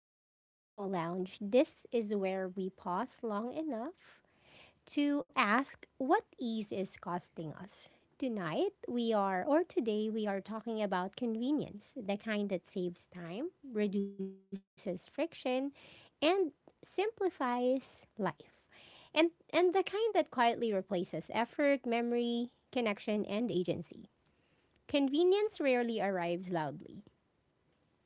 Welcome to Echo Lounge. This is where we pause long enough to ask what ease is costing us. Tonight, we are, or today, we are talking about convenience, the kind that saves time, reduces friction, and simplifies life. And the kind that quietly replaces effort, memory, connection, and agency. Convenience rarely arrives loudly.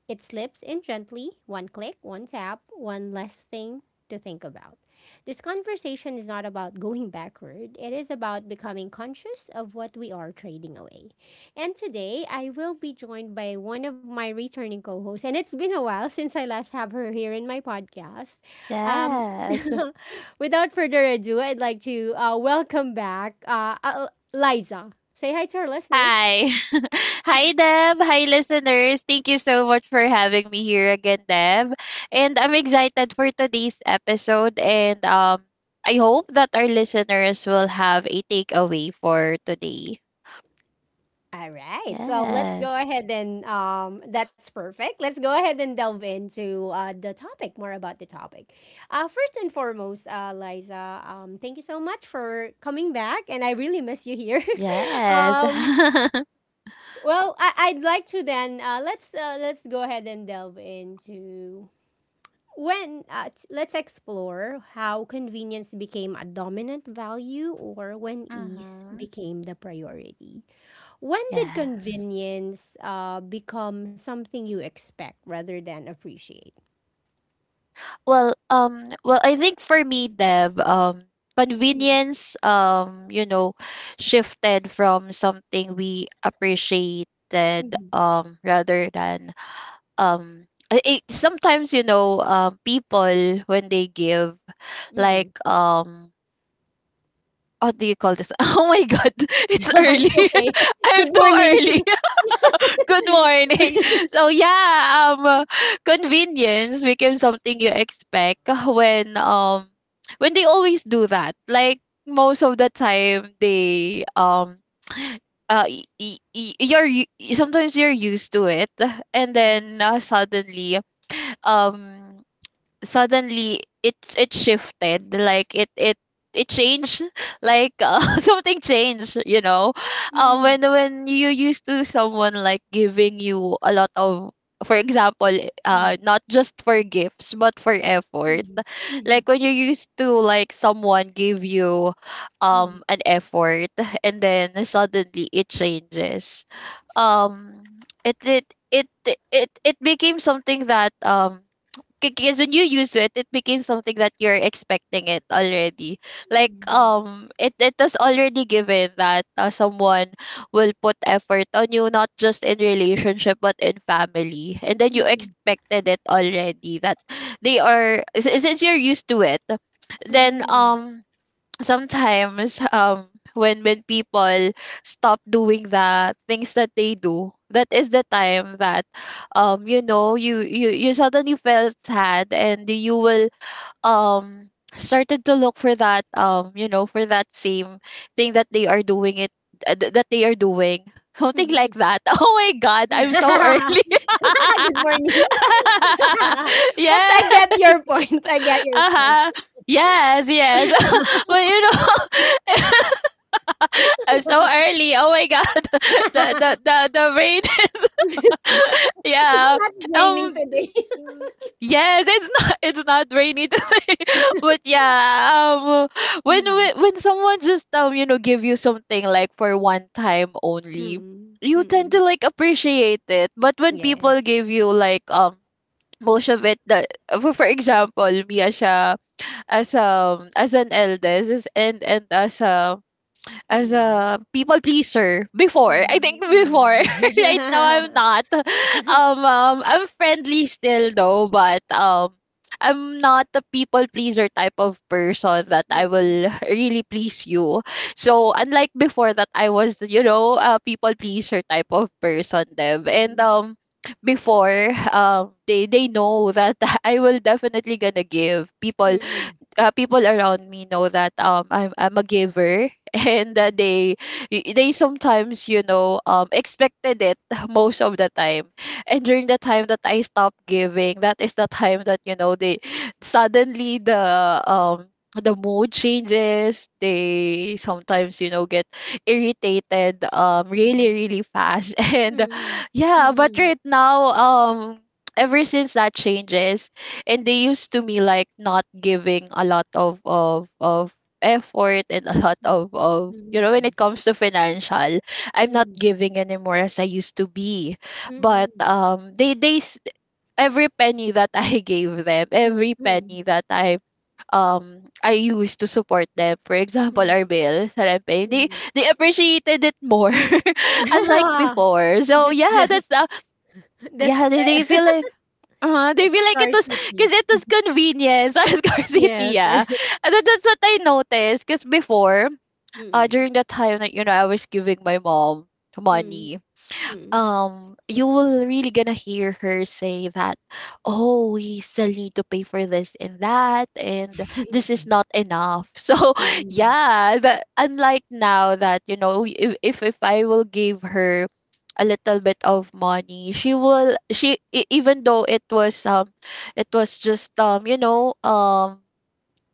It slips in gently, one click, one tap, one less thing to think about. This conversation is not about going backward, it is about becoming conscious of what we are trading away. And today, I will be joined by one of my returning co hosts, and it's been a while since I last have her here in my podcast. Um, Yes. without further ado, I'd like to welcome back Liza. Say hi to our listeners. Hi. Hi, Deb. Hi, listeners. Thank you so much for having me here again, Deb. And I'm excited for today's episode. And I hope that our listeners will have a takeaway for today. All right. Well, let's go Yes. ahead and that's perfect. Let's go ahead and delve into the topic, more about the topic. First and foremost, Liza, thank you so much for coming back, and I really miss you here. Yes. um, well, I'd like to then let's go ahead and delve into when let's explore how convenience became a dominant value or when ease Mm-hmm. became the priority. When did Yes. convenience become something you expect rather than appreciate? Well, I think for me, Deb, convenience, you know, shifted from something we appreciated, Mm-hmm. Rather than, um, sometimes you know, people when they give, Mm-hmm. like, what do you call this? Oh my God, it's It's early. okay. I'm Good too morning. early. Good morning. So convenience became something you expect when when they always do that. Like most of the time, they sometimes you're used to it, and Mm-hmm. then suddenly um suddenly it shifted like it changed like something changed you know Mm-hmm. when you used to someone like giving you a lot of for example not just for gifts but for effort Mm-hmm. Hmm. like when you used to like someone give you an effort and then suddenly it changes um it it it it became something that because when you use it it became something that you're expecting it already like it was already given that someone will put effort on you, not just in relationship but in family, and then you Hmm. expected it already that since you're used to it then sometimes when people stop doing the things that they do, that is the time that you know you suddenly felt sad and you will um started to look for that you know, for that same thing that they are doing it, that they are doing. Hmm. Something Hmm. like that. Oh my god, I'm Good so early. morning. But Yeah. I get your point. I get your point. Uh-huh. Yes, yes. But you know, I'm so early. Oh my god. The rain is It's yeah. not raining Um today. yes, it's not it's not rainy today. But yeah, when Mhm. when when someone just you know give you something like for one time only, Mhm. you tend to Mhm. like appreciate it. But when people Yes. give you like most of it, that for example me as a as an eldest and as Mm-hmm. a people pleaser before. I think before. Hmm. Right Hmm. now I'm not. I'm friendly still though, but I'm not the people pleaser type of person that I Hmm. will really please you. So unlike before that I was, you know, a people pleaser type of person, Deb. And before they know that I will definitely gonna give people Hmm. People around me know that I'm a giver, and that Hmm. they sometimes you know expected it most of the time, and during the time that I stopped giving, that is the time that you know they suddenly um the mood changes, they sometimes you know get irritated, really Hmm. really fast. And Hmm. yeah, but Hmm. right now, ever since that changes and they used to me like not giving a lot of effort, and a lot Hmm. Of you know, when Hmm. it comes to financial, Hmm. I'm Hmm. not Hmm. giving anymore as I used to be. But Hmm. Every penny that I gave them, every Hmm. penny that I I used to support them, for example Hmm. our bills that I'm paying, Hmm. Hmm. they appreciated it more unlike before. So That's the yeah, that's the... yeah, they feel like uh-huh. They that's feel like it was scarcity. because it was convenience. I was Yes. Garcia. And then that's what I noticed. Because before, Hmm. during the time that you know I was giving my mom Hmm. money, Hmm. You will really gonna hear her say that, oh, we still need to pay for this and that, and this is not enough. So Hmm. yeah, that unlike now that you know, if I will give her a little bit of money, she will even though it was just you know um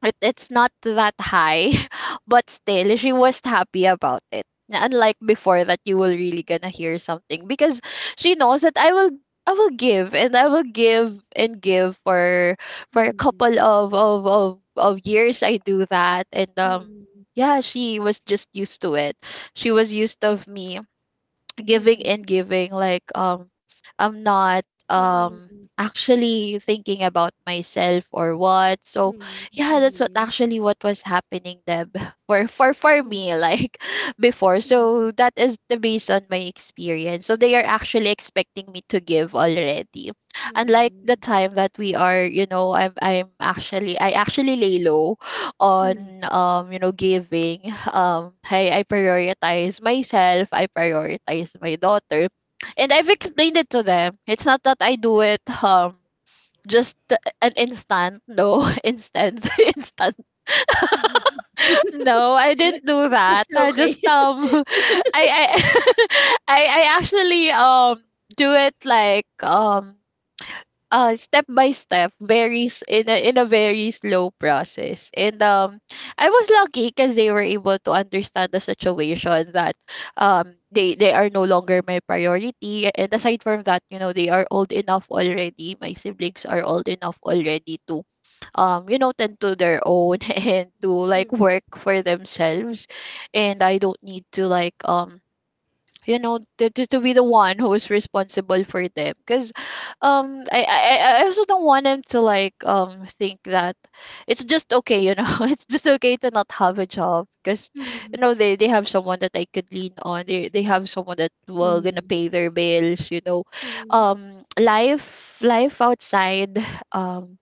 it, it's not that high, but still she was happy about it. Unlike before, that you will really gonna hear something, because she knows that I will I will give and I will give and give for a Hmm. couple of years I do that. And Hmm. yeah, she was just used to it, she was used of me Hmm. giving and Hmm. giving, like I'm not Hmm. Actually thinking about myself or what. So yeah, that's what Hmm. actually what was happening, Deb, for me like before. So Hmm. that is the based on my experience, so they are actually expecting me to give already, unlike the Hmm. time that we are, you know, I'm actually I actually lay low on Hmm. You know giving. I prioritize myself, I prioritize my daughter. And I've explained it to them, it's not that I do it just an instant. No. Instant instant. Hmm. No, I didn't do that. I It's just okay. I I actually do it like step by step, varies in a very slow process. And I was lucky because they were able to understand the situation, that they are no longer my priority. And aside from that, you know, they are old enough already, my siblings are old enough already to you know tend to their own and to like work for themselves, and I don't need to like you know, to be the one who is responsible for them, because I also don't want them to like think that it's just okay, you know, it's just okay to not have a job because you know they Mm, they have someone that I could lean on, they have someone that will gonna pay their mm, bills, you know, mm, life outside um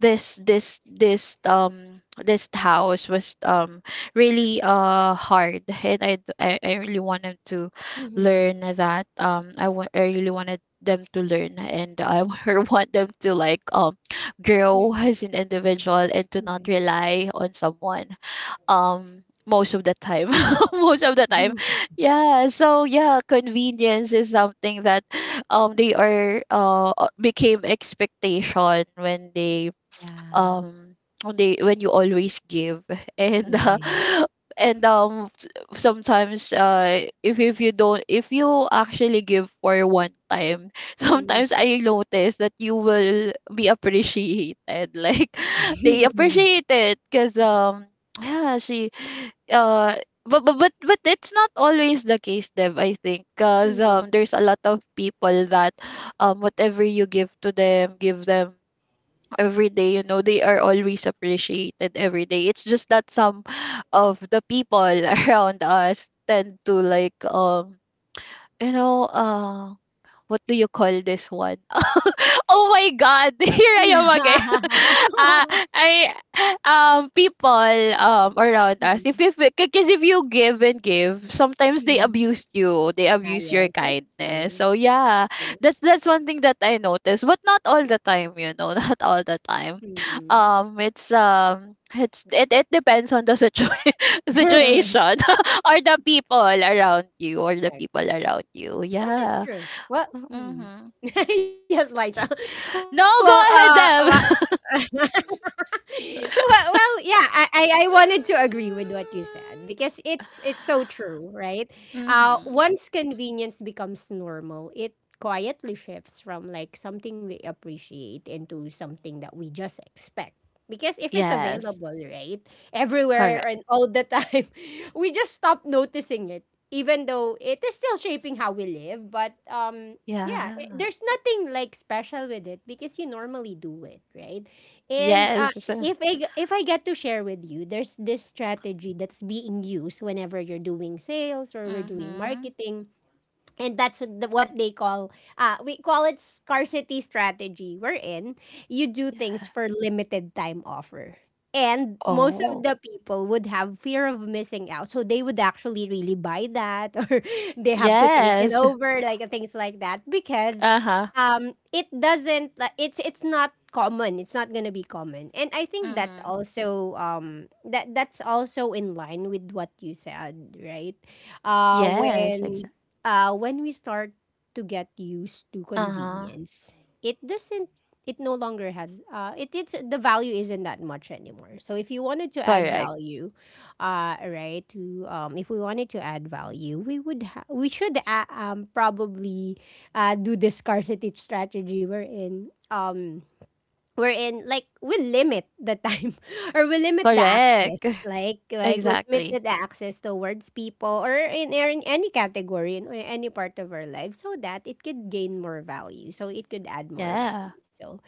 this house was really hard. And I really wanted to learn that mm, I really wanted them to learn, and I want them to like grow as an mhm, individual and to not rely on someone most of the time. Most of the time. mm, Yeah. So yeah, convenience is something that they are became expectation when um yeah, they when you always give. and mhm, yeah, yes. and sometimes if you don't, if you actually give for one time, sometimes I Mm, notice that you will be appreciated, like they appreciate it mm, because yeah she uh but, but it's not always the case, Dev, I think, because there's a lot of mm. people that whatever you give to them, give them every day, you know, they are always appreciated every day. It's just that some of the people around us tend to like you know what do you call this one? Oh my God, here I am again. Ah, I people around us, if, because Mm, if you give and give, sometimes they abuse you. mm. They abuse your Ah, yes, kindness. that's So yeah, true. That's that's one true. thing that I noticed, but not all the time, you know, not all the time. Mm. It's it depends on the situation or the people around you, or the people around Okay. you. Yeah. Well, that's true. Well, Mm-hmm. mm. yes, Liza. No, Well, go ahead, uh, Deb. well, yeah, I wanted to agree with what you said because it's so true, right? Mm-hmm. Once convenience becomes normal, it quietly shifts from like something we appreciate into something that we just expect. Because if it's Yes, available, right, everywhere correct. and all the time, we just stop noticing it. Even though it is still shaping how we live, but yeah, eh, Yeah. there's nothing like special with it because you normally do it, right? And Yes. If I get to share with you, there's this strategy that's being used whenever you're doing sales or we're doing Mm-hmm. marketing. And that's what what they call, we call it scarcity strategy, wherein you do Yeah. things for limited time offer. And most of Oh, the people would have fear of missing out. So they would actually really buy that or they have to take it yes. over, like things like that, because Uh-huh. It doesn't, like, it's not common. It's not going to be common. And I think that Mm-hmm. also, that, that's also in line with what you said, right? Yes, When exactly. When we start to get used to Uh-huh. convenience, it doesn't. It no longer has. It it's the value isn't that much anymore. So if you wanted to add Correct. value, right? To if we wanted to add value, we would we should probably, do the scarcity strategy we're in. Wherein like we limit the time or we limit the Correct. access like we limit Exactly. the access towards people or in any category in any part of our life so that it could gain more value so it could add more Yeah. value so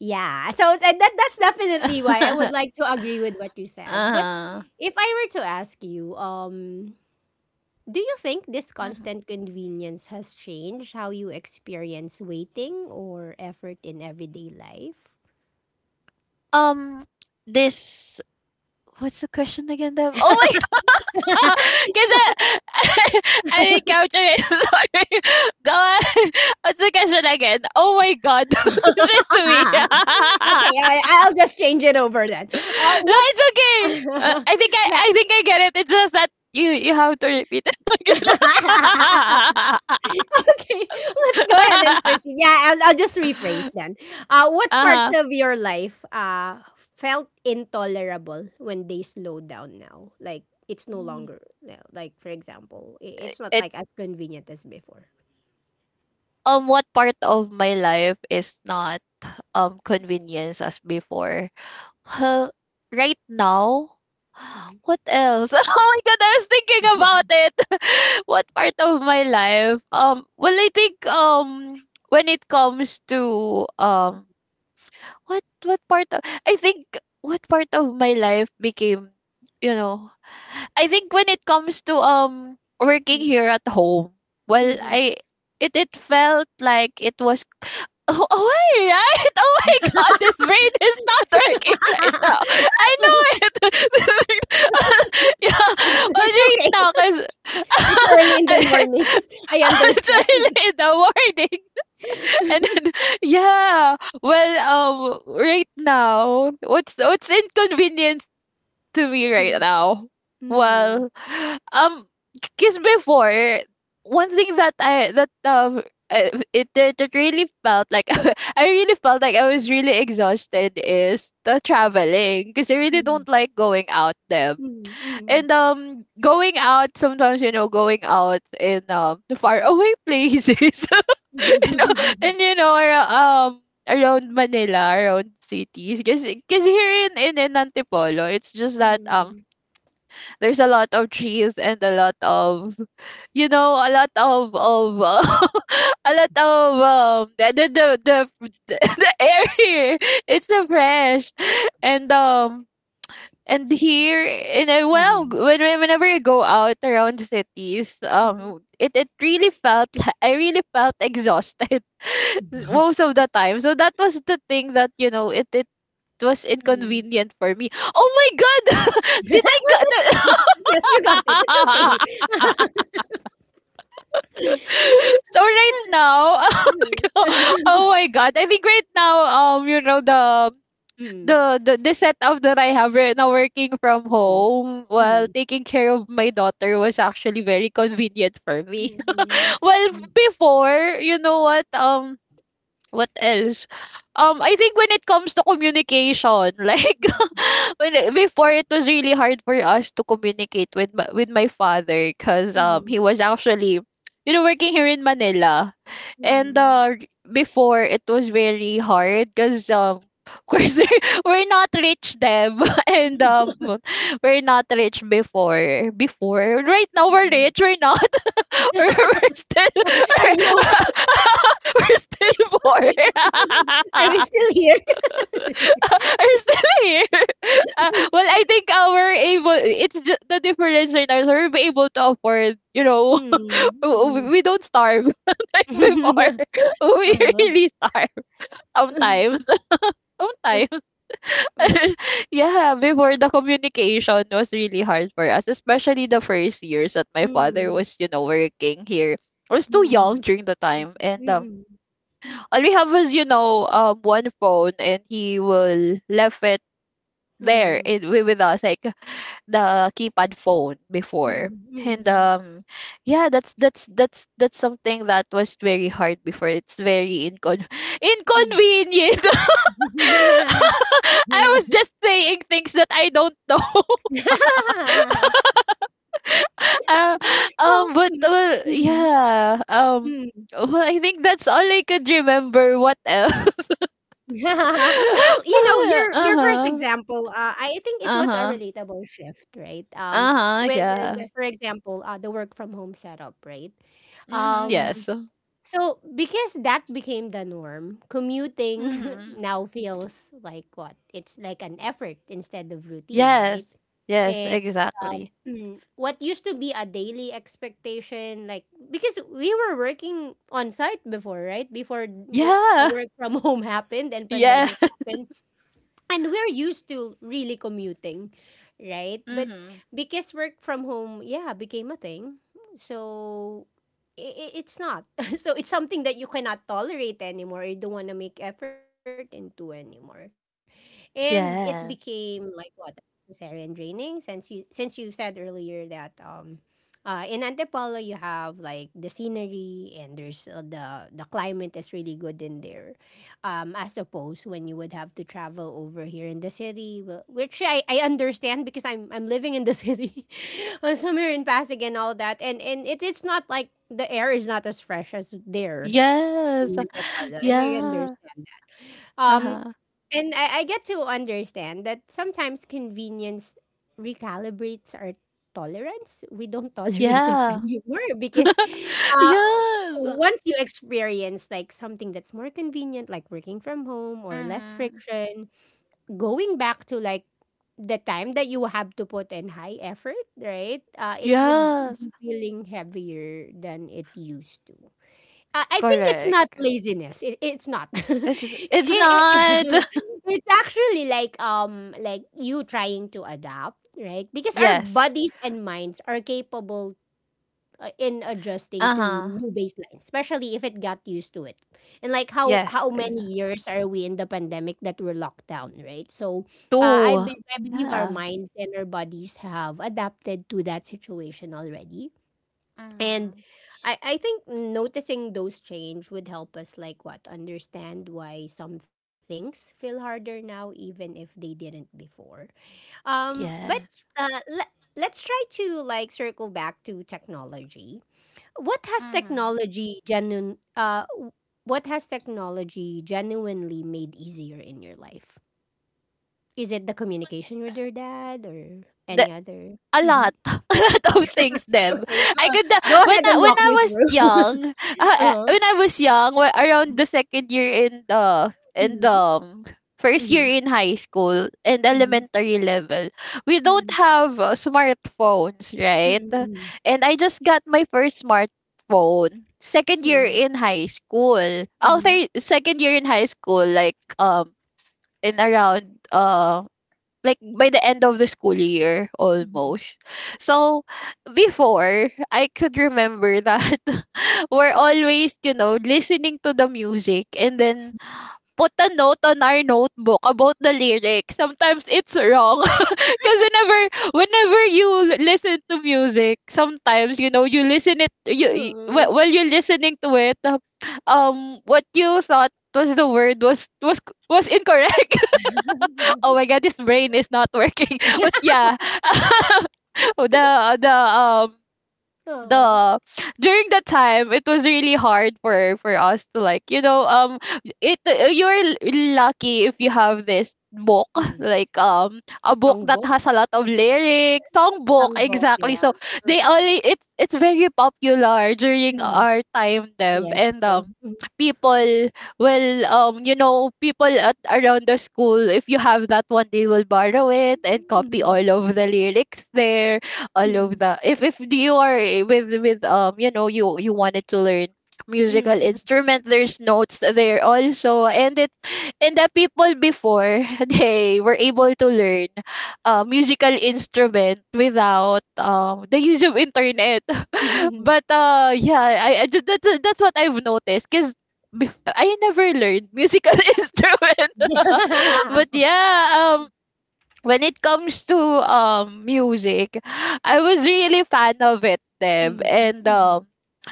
yeah so that's definitely why I would like to agree with what you said. But Uh-huh. if I were to ask you, do you think this Hmm. constant convenience has changed how you experience waiting or effort in everyday life? Um, this What's the question again, Deb? Oh my god! Is it? I didn't capture it. Sorry. Go on. What's the question again? Oh my god. This is me. Okay, I'll just change it over then. No, What? it's okay. I think Yeah. I think I get it. It's just that you have to repeat it again. Okay, let's go ahead and proceed. Yeah, I'll just rephrase then. What parts Uh-huh. of your life felt intolerable when they slow down now? Like, it's no longer, now. Like, for example, it's not It, like as convenient as before. What part of my life is not convenience as before? Huh, right now? Mhm. What else? Oh my god, I was thinking about it. What part of my life? Well I think when it comes to what part of, I think what part of my life became, you know, I think when it comes to working Mhm. here at home, well, Mhm. I it it felt like it was oh, oh wait, right? Oh my god, this brain is not working right now. I know it. yeah, It's right okay. now, because It's early in the morning. I it's understand. early in the morning. And then, yeah, well, right now, what's inconvenient to me right now? Mm, Well, um, because before, one thing that I that. It really felt like I really felt like I was really exhausted is the traveling because I really mm, don't like going out there mm, mm. and going out sometimes, you know, going out in the far away places, you know, and you know, around Manila, around cities, because here in Antipolo, it's just that Mm, there's a lot of trees and a lot of, you know, a lot of a lot of the the air here, it's so fresh. And and here, and I, mm, mm. well, when- Whenever I go out around cities, Mm. It really felt like I really felt exhausted Okay. most of the time. So that was the thing that, you know it it was Mm. inconvenient for me. Oh my god, did I Well, got that's that? yes, you got it. It's okay. So right now, Mm, oh my god, I think right now, you know, the mm, the, the the setup that I have right now, working from home mm, while mm, taking care of my daughter, was actually very convenient for me. mm, Well, before, you know what? What else? I think when it comes to communication, like, before, it was really hard for us to communicate with my father, because mm, he was actually, you know, working here in Manila, and mm, before it was very hard because of course we're not rich then, and mm. um, we're not rich before. Before, right now, we're Mm. rich. We're not. We're still Are you okay? we're still poor. Are we still here? We're still here. Well, I think our able, it's just the difference right now. So we're able to afford, you know, Mm, mm. we don't starve like before. We Uh-huh. really starve sometimes. Sometimes. Yeah, before, the communication was really hard for us, especially the first years that my Mm, father mm, was, you know, working here. I was too young mm. during the time, and um, Mm. all we have was, you know, um, one phone, and he will left it there Mm. in with us, like the keypad phone Mm, before, and mm, um, yeah, that's something that was very hard before. It's very mm. inconvenient. I Di ba? was just saying things that I don't know. Uh, Well, um, but mm, well, mm, yeah, um, mm. well, I think that's all I could remember. What else? Well, you know, your first Uh-huh, example, I think it was a uh-huh, relatable shift, right? Uh-huh, With yeah. for example, the work from home setup, right? Mhm, Um, yes. So, because that became the norm, commuting Mhm. now feels like what? It's like an effort instead of routine, right? Yes, yes, And um, exactly. what used to be a daily expectation, like, because we were working on site before, right? Before the Yeah, work from home happened and yeah. pandemic happened and we're used to really commuting, right. But Mhm. because work from home, yeah, became a thing, so it's not so it's something that you cannot tolerate anymore, you don't want to make effort into anymore, and it became like Yes. what necessary and draining. Since you said earlier that in Antipolo, you have like the scenery and there's the climate is really good in there. As opposed when you would have to travel over here in the city, which I understand because I'm living in the city. Somewhere in Pasig and all that, and it, it's not like the air is not as fresh as there Yes. in Antipolo. And I Yeah. understand that. Um, Uh-huh. and I get to understand that sometimes convenience recalibrates our tolerance. We don't tolerate it Yeah. anymore because uh, Yes. once you experience like something that's more convenient, like working from home or less Mhm. friction, going back to like the time that you have to put in high effort, right? It would Yes. be feeling heavier than it used to. I think it's not Correct. laziness. It, it's not. It's it's it, not. it's actually like you trying to adapt, right? Because our Yes. bodies and minds are capable in adjusting to Uh-huh. new baselines, especially if it got used to it. And like how Yes, how many exactly. years are we in the pandemic that we're locked down, right? So Two. I believe our Yeah. minds and our bodies have adapted to that situation already. And Mhm. I think noticing those change would help us like what understand why some things feel harder now even if they didn't before. But Yes. uh le- let's try to like circle back to technology. What has Mhm. technology genuine uh w- what has technology genuinely made easier in your life? Is it the communication with your dad or the any other? A Mhm. lot, a lot of things then Okay, I go, could, uh, go when ahead i and when walk i me was through. young, uh, uh, Uh-huh. when i was young, around the second year in the Mhm, first year mhm, in high school and mhm, elementary level, we don't mm, have, smartphones, right? mm, And I just got my first smartphone second mm, year mm, in high school, after mhm, second year in high school, like, um, in around, um, like by the end of the school year mm. almost. So before, I could remember that we're always, you know, listening to the music and then put a note on our notebook about the lyrics. Sometimes it's wrong. Cause whenever, whenever you listen to music, sometimes, you know, you listen it, you, you Oo. wh- while you're listening to it, um, what you thought was the word was was incorrect. Oh my god, this brain is not working. But yeah, the the um Oo. the during the time, it was really hard for us to, like, you know, um, it you're lucky if you have this book, Hmm, like, um, a book that songbok, has a lot of lyrics, song book. songbok, Exactly, so yeah. Mm, they only, it's very popular during mm, our time, Deb, yes, and true. um, Mm, people will, um, you know, people at around the school, if you have that one, they will borrow it and copy all of the lyrics there, all of mm, the, if you are with, um, you know, you wanted to learn musical mm, mm, instrument, there's notes there also, and it, and the people before they were able to learn, musical instrument without the use of internet. mhm. But yeah, I that's what I've noticed, because I never learned musical instrument, but yeah, when it comes to music, I was really fan of it, Deb, Mm, and mhm,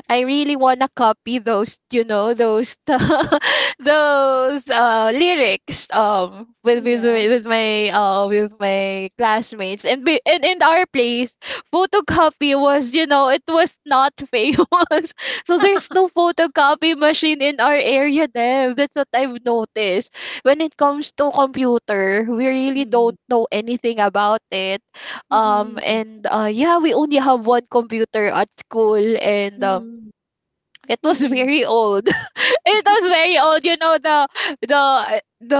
I really wanna copy those, you know, those those lyrics yeah, with my classmates, and be, and in our place, photocopy was, you know, it was not famous, so there's no photocopy machine in our area, Deb. That's what I've noticed. When it comes to computer, we really mm, don't know anything about it. Mhm, And yeah, we only have one computer at school, and mm, it was mm, very old. It was very old. You know, the the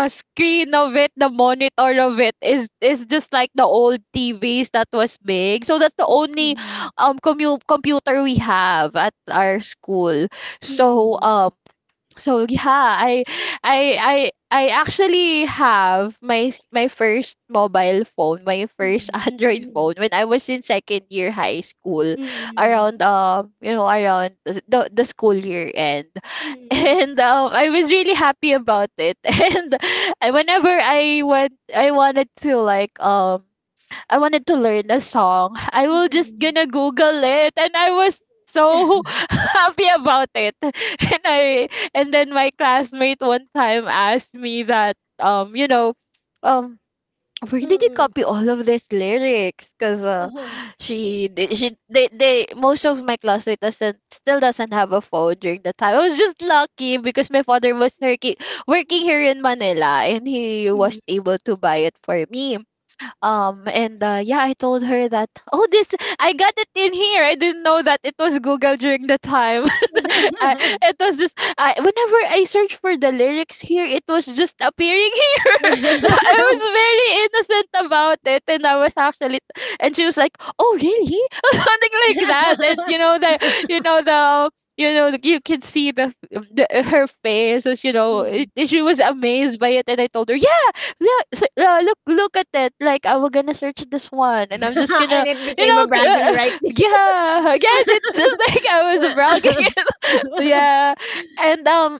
uh, screen of it, the monitor of it is just like the old TVs that was big. So that's the mm, only mm, computer we have at our school. So mm, um, so yeah, I actually have my my first mobile phone, my first mm, android mm, phone when I was in second year high school, mm, around you know around the school year end, mm, and I was really happy about it. And whenever I went, I wanted to like um, I wanted to learn a song. I will just gonna Google it, and I was so happy about it. And I, and then my classmate one time asked me that, um, you know, um, where did you mhm. copy all of these lyrics? Cause Uh-huh. She they most of my classmates doesn't still doesn't have a phone during the time. I was just lucky because my father was working, working here in Manila, and he was Mm. able to buy it for me. Um, and yeah, I told her that, oh, this, I got it in here. I didn't know that it was Google during the time. I, it was just, I, whenever I searched for the lyrics here, it was just appearing here. So I was very innocent about it. And I was actually, and she was like, oh, really? Something like that. And you know, the, you know, the, you know, like, you can see the, the her face was, you know, it, Mm. she was amazed by it. And I told her, "Yeah." Yeah, so, yeah, look, look at it. Like I was gonna search this one, and I'm just gonna, And it you became know, a bragging right. yeah, yes, it's just, like I was bragging. Yeah, and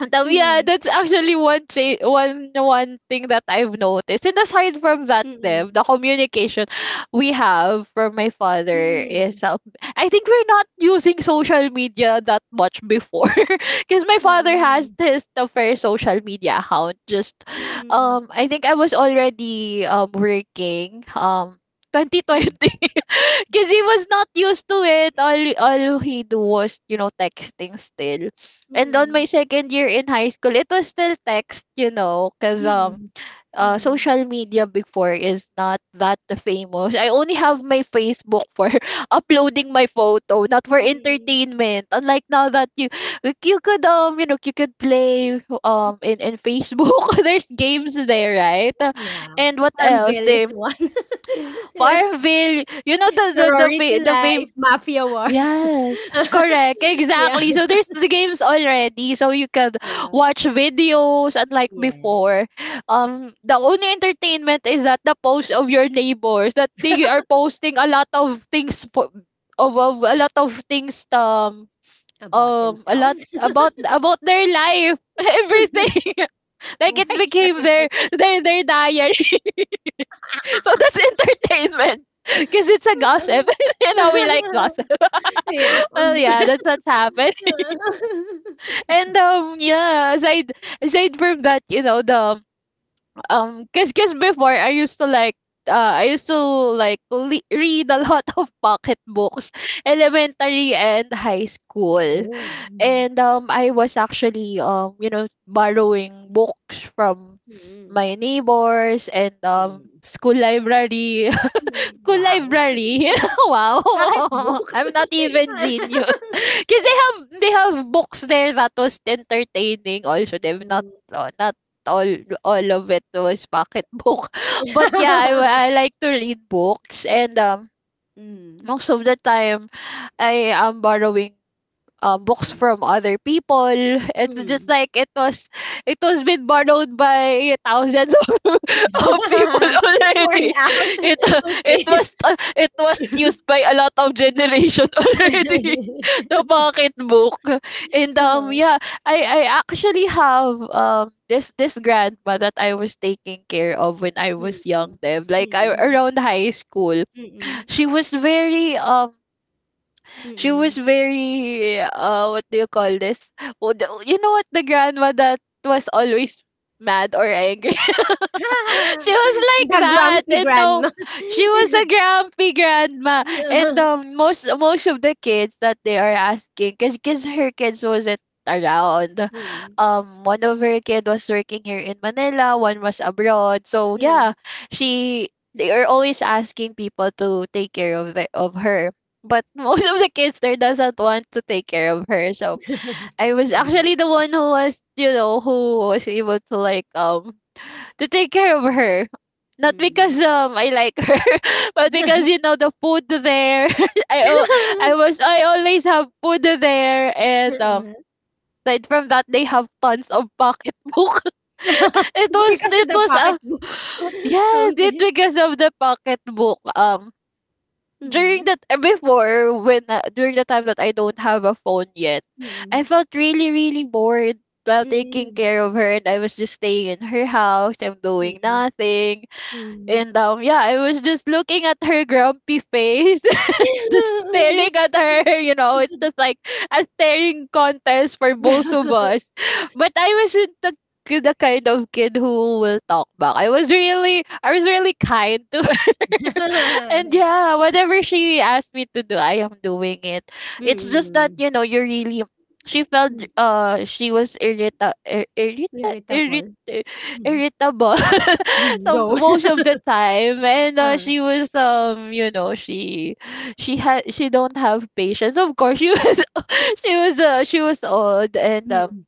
yeah, Mm. that's actually one one thing that I've noticed. And aside from that, Mm. Dev, the communication we have from my father Mm. is I think we're not using social media that much before, because my father has Mm. his the first social media account. Just Mm. I think I was already working 2020, because he was not used to it. All he do was, you know, texting still, Mm. and on Mm. my second year in high school, it was still text, you know, because Mm. Social media before is not that famous. I only have my Facebook for uploading my photo, not for Mm. Mm. entertainment. Unlike now that you, like, you could you know, you could play in Facebook. There's games there, right? Yeah. and what else? Farmville is The one. Yeah. Farmville. You know Sorority the fame. life. Mafia wars. Yes, correct, Yeah. exactly. So there's the games already, so you can Yeah. watch videos. Unlike Yes. before, the only entertainment is that the post of your neighbors that they are posting a lot of things, of a lot of things um, About um, a lot themselves. About their life, everything. Why Like it is that became their entertaining? their their diary. So that's entertainment. Because it's a Oo. gossip. You know, we like gossip. Yeah, Oh hmm. yeah, that's what happened. And yeah, aside, aside from that, you know, the um, cause, cause before I used to like, uh, I used to like read a lot of pocket books, elementary and high school. Oh, mhm. And I was actually you know borrowing books from my neighbors and Mm, mm, school library. mm, School wow. library? Wow. Bakit books? I'm not even genius. Because they have books there that was entertaining also. They've not not all all of it was pocketbook. But yeah, I Mm. I like to read books and most of the time I am borrowing books Mm, from other people. It's just mm. like it was been borrowed by thousands of, of people It's worn already. out, It it okey. was it was used by a lot of generation already. The pocketbook and Oo, yeah, I actually have this grandma that I was taking care of when I was young, mm, Deb. Like I mm, around high school, mm, she was very um she mm. was very what do you call this? Oh, you know what, the grandma that was always mad or angry, it was like The that. grumpy And no, grandma. she was a grumpy grandma. And most of the kids that they are asking, cause her kids wasn't around. Mm, One of her kid was working here in Manila, one was abroad. So mm. yeah, she they are always asking people to take care of the of her. But most of the kids there doesn't want to take care of her. So I was You did. actually the one who was, you know, who was able to like to take care of her. Not Mm. because I like her, but because you know the food there. I al- I always have food there, and Mm. aside from that they have tons of pocketbook. It's because of it the was pocketbook. yes it Okay. because of the pocketbook. During Mhm. that Before when, during the time that I don't have a phone yet, I Mm. felt really really bored while taking Mm. care of her, and I was just staying in her house. I'm doing Mm. nothing Mm. and yeah, I was just looking at her grumpy face, just staring at her. You know, it's just like a staring contest for both of us. But I wasn't the the kind of kid who will talk back. I was really kind to, and yeah, whatever she asked me to do, I am doing it. It's just that Mm. you know, you really. She felt Mm. She was Irritable. ir- Mhm. irritable. Mm. So Go. most of the time, and Ah. she was, you know, she had she don't have patience. Of course she was, she was old and Mm.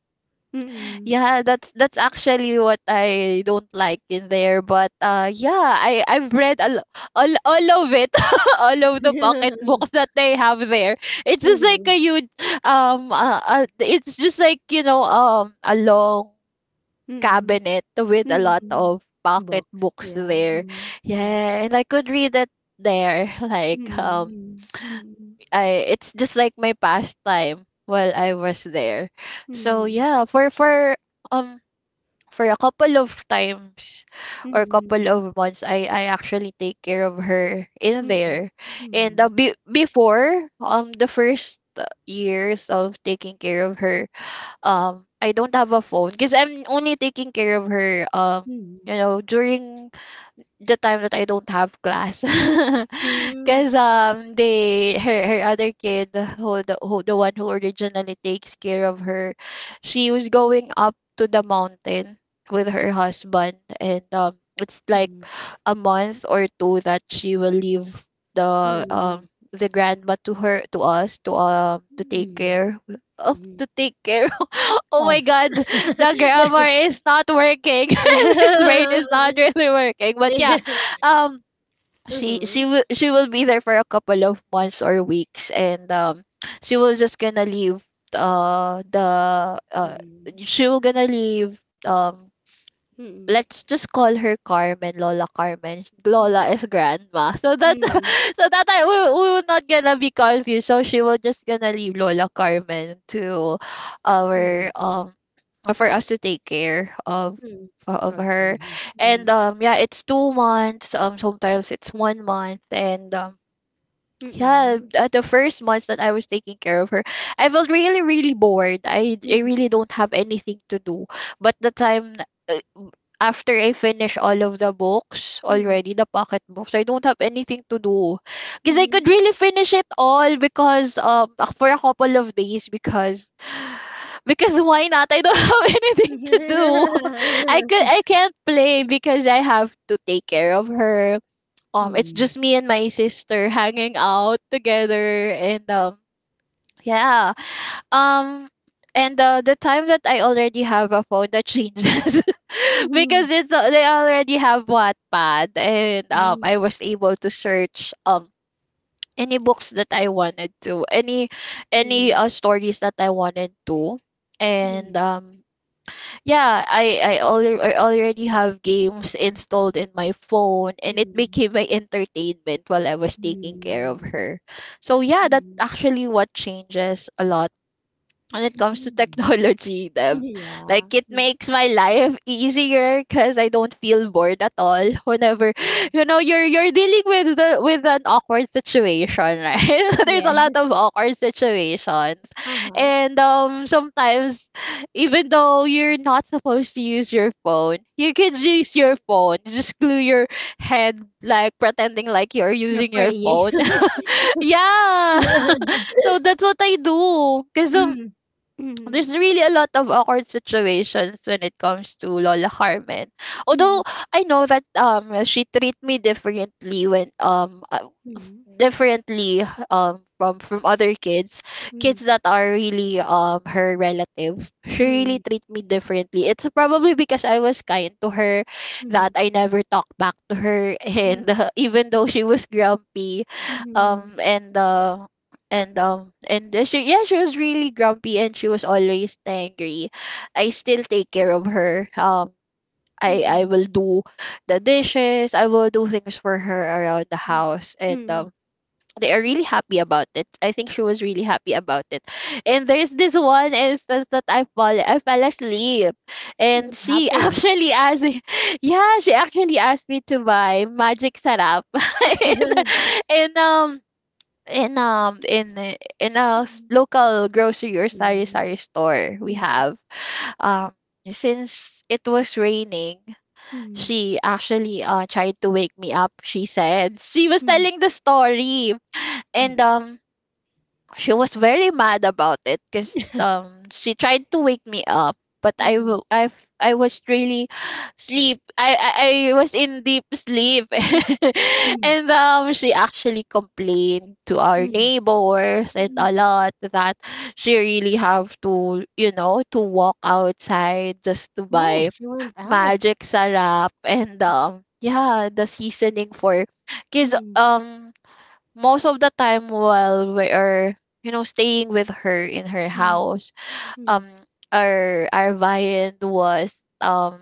Mm. yeah, that's actually what I don't like in there. But yeah, I I've read all of it, all of the pocket books that they have there. It's just like Mhm. a huge it's just like, you know, a long Mm. cabinet with a lot Mm. of pocket Box. books Yeah. there. Mm. Mm. Yeah, and I could read it there. Like Mm, mm, I it's just like my pastime while I was there. So mm, yeah, um for a couple of times or mm, couple mm, of months, I actually take care of her in mm, there and mm, before, the first years of taking care of her, I don't have a phone because I'm only taking care of her you mm, know during the time that I don't have class. Cause they, her other kid, who the one who originally takes care of her, she was going up to the mountain with her husband, and it's like a month or two that she will leave mm, the mm, grandma to her to us to take mm, care of mhm. to take care oh my Of. god, the Yeah. grammar is not working. His brain is not really working. But yeah, Yeah. um, Mhm. She will be there for a couple of months or weeks, and she was just gonna leave the she will gonna leave um Mm, let's just call her Carmen, Lola Carmen. Lola mm, is grandma. So that so that I we, will not gonna be confused. So she will just gonna leave Lola Carmen to mm, mm, mhm, our for us to take care mm. of Of her. her. Mhm. And yeah, it's 2 months. Sometimes it's one month and yeah, Mm, at the first months that I was taking care of her, I felt really, really bored. I mm, really don't have anything to do. But the time uh, after I finish all of the books mhm, already, the pocket books, I don't have anything to do. mm, Because mhm, I mhm. could really finish it all because for a couple of days because because why not? I don't have anything to do. I can't play because I have to take care of her. It's Mm, just me and my sister hanging out together, and yeah um the time that I already have a phone, that changes. Because they already have Wattpad, and mhm, mm, I was able to search any books that I wanted to, any mm, stories that I wanted to, and yeah, I already have games installed in my phone, mm, and it mm. became my entertainment while I was taking care of Mm. her. So yeah, that Mm. actually what changes a lot when it comes to Mm. technology, Deb. Yeah. Like it makes my life easier because I don't feel bored at all. Whenever Mhm. you know you're dealing with the with an awkward situation, right? There's a lot Yes. of awkward situations, Uh-huh. and sometimes even though you're not supposed to use your phone, you can use your phone. Just glue your head like pretending like you're You're using your praying. phone. Yeah. So that's what I do. Cause Mhm. Mhm. there's really a lot of awkward situations when it comes to Lola Carmen. Mhm. Although I know that she treat me differently when differently from other kids, Mhm. kids that are really her relative. She really Mhm. treat me differently. It's probably because I was kind to her, that Mhm. I never talked back to her, and even though she was grumpy, Mhm. um and uh and she, yeah, she was really grumpy, and she was always angry. I still take care of her. Mhm. Mhm. I Mhm. will do the dishes, I will do things for her around the Mhm. house, and Mhm. They are really happy about it. I think she was really happy about it. And there's this one instance that I fell asleep, and What she happened? actually asked me- yeah, she actually asked me to buy magic sarap, and in in a Mhm. local grocery or Yeah. sari sari store we Mhm. have. um since it was raining, Mhm. she actually tried to wake me up. She said, she was Mhm. telling the story, Mhm. and she was very mad about it because she tried to wake me up, but Mm. Yeah. I was really sleep. I was in deep sleep, Mm. and she actually complained to our Mm. neighbors and a Mm. lot that she really have to, you know, to walk outside just to Oh, buy she went out. magic sarap, and yeah, the seasoning for, because Mm. Most of the time while we are, you know, staying with her in her Mm. house, Mm. um our viand was, um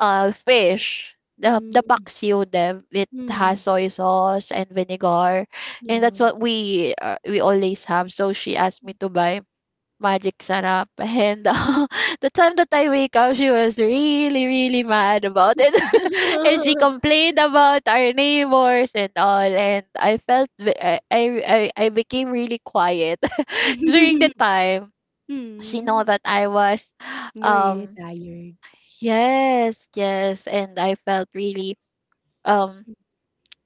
fish, the Mm. paksiw them, it has Mm. soy sauce and vinegar, and Yeah. that's what we, we always have. So she asked me to buy magic sarap. And the time that I wake up, she was really, really mad about it. And she complained about our neighbors and all. And I felt, I became really quiet during the she Mm, know that I was. you're really um tired. yes, yes, and I felt really, um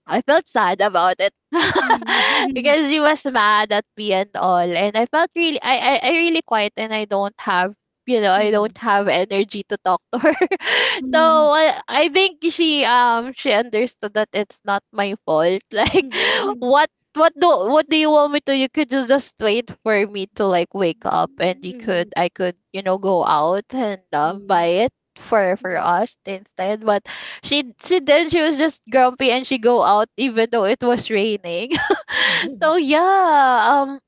I felt sad about it Mm, because he was mad at me and all, and I felt really, I really quiet, and I don't have, you know, I mm, don't have energy to talk to her. So mm, I think she understood that it's not my fault. Like, mm, mm, what, what do you want me to? You could just wait for me to like wake up, and you could, I could, you know, go out and mm, buy it for us instead, but she then she was just grumpy, and she go out even though it was raining. So yeah,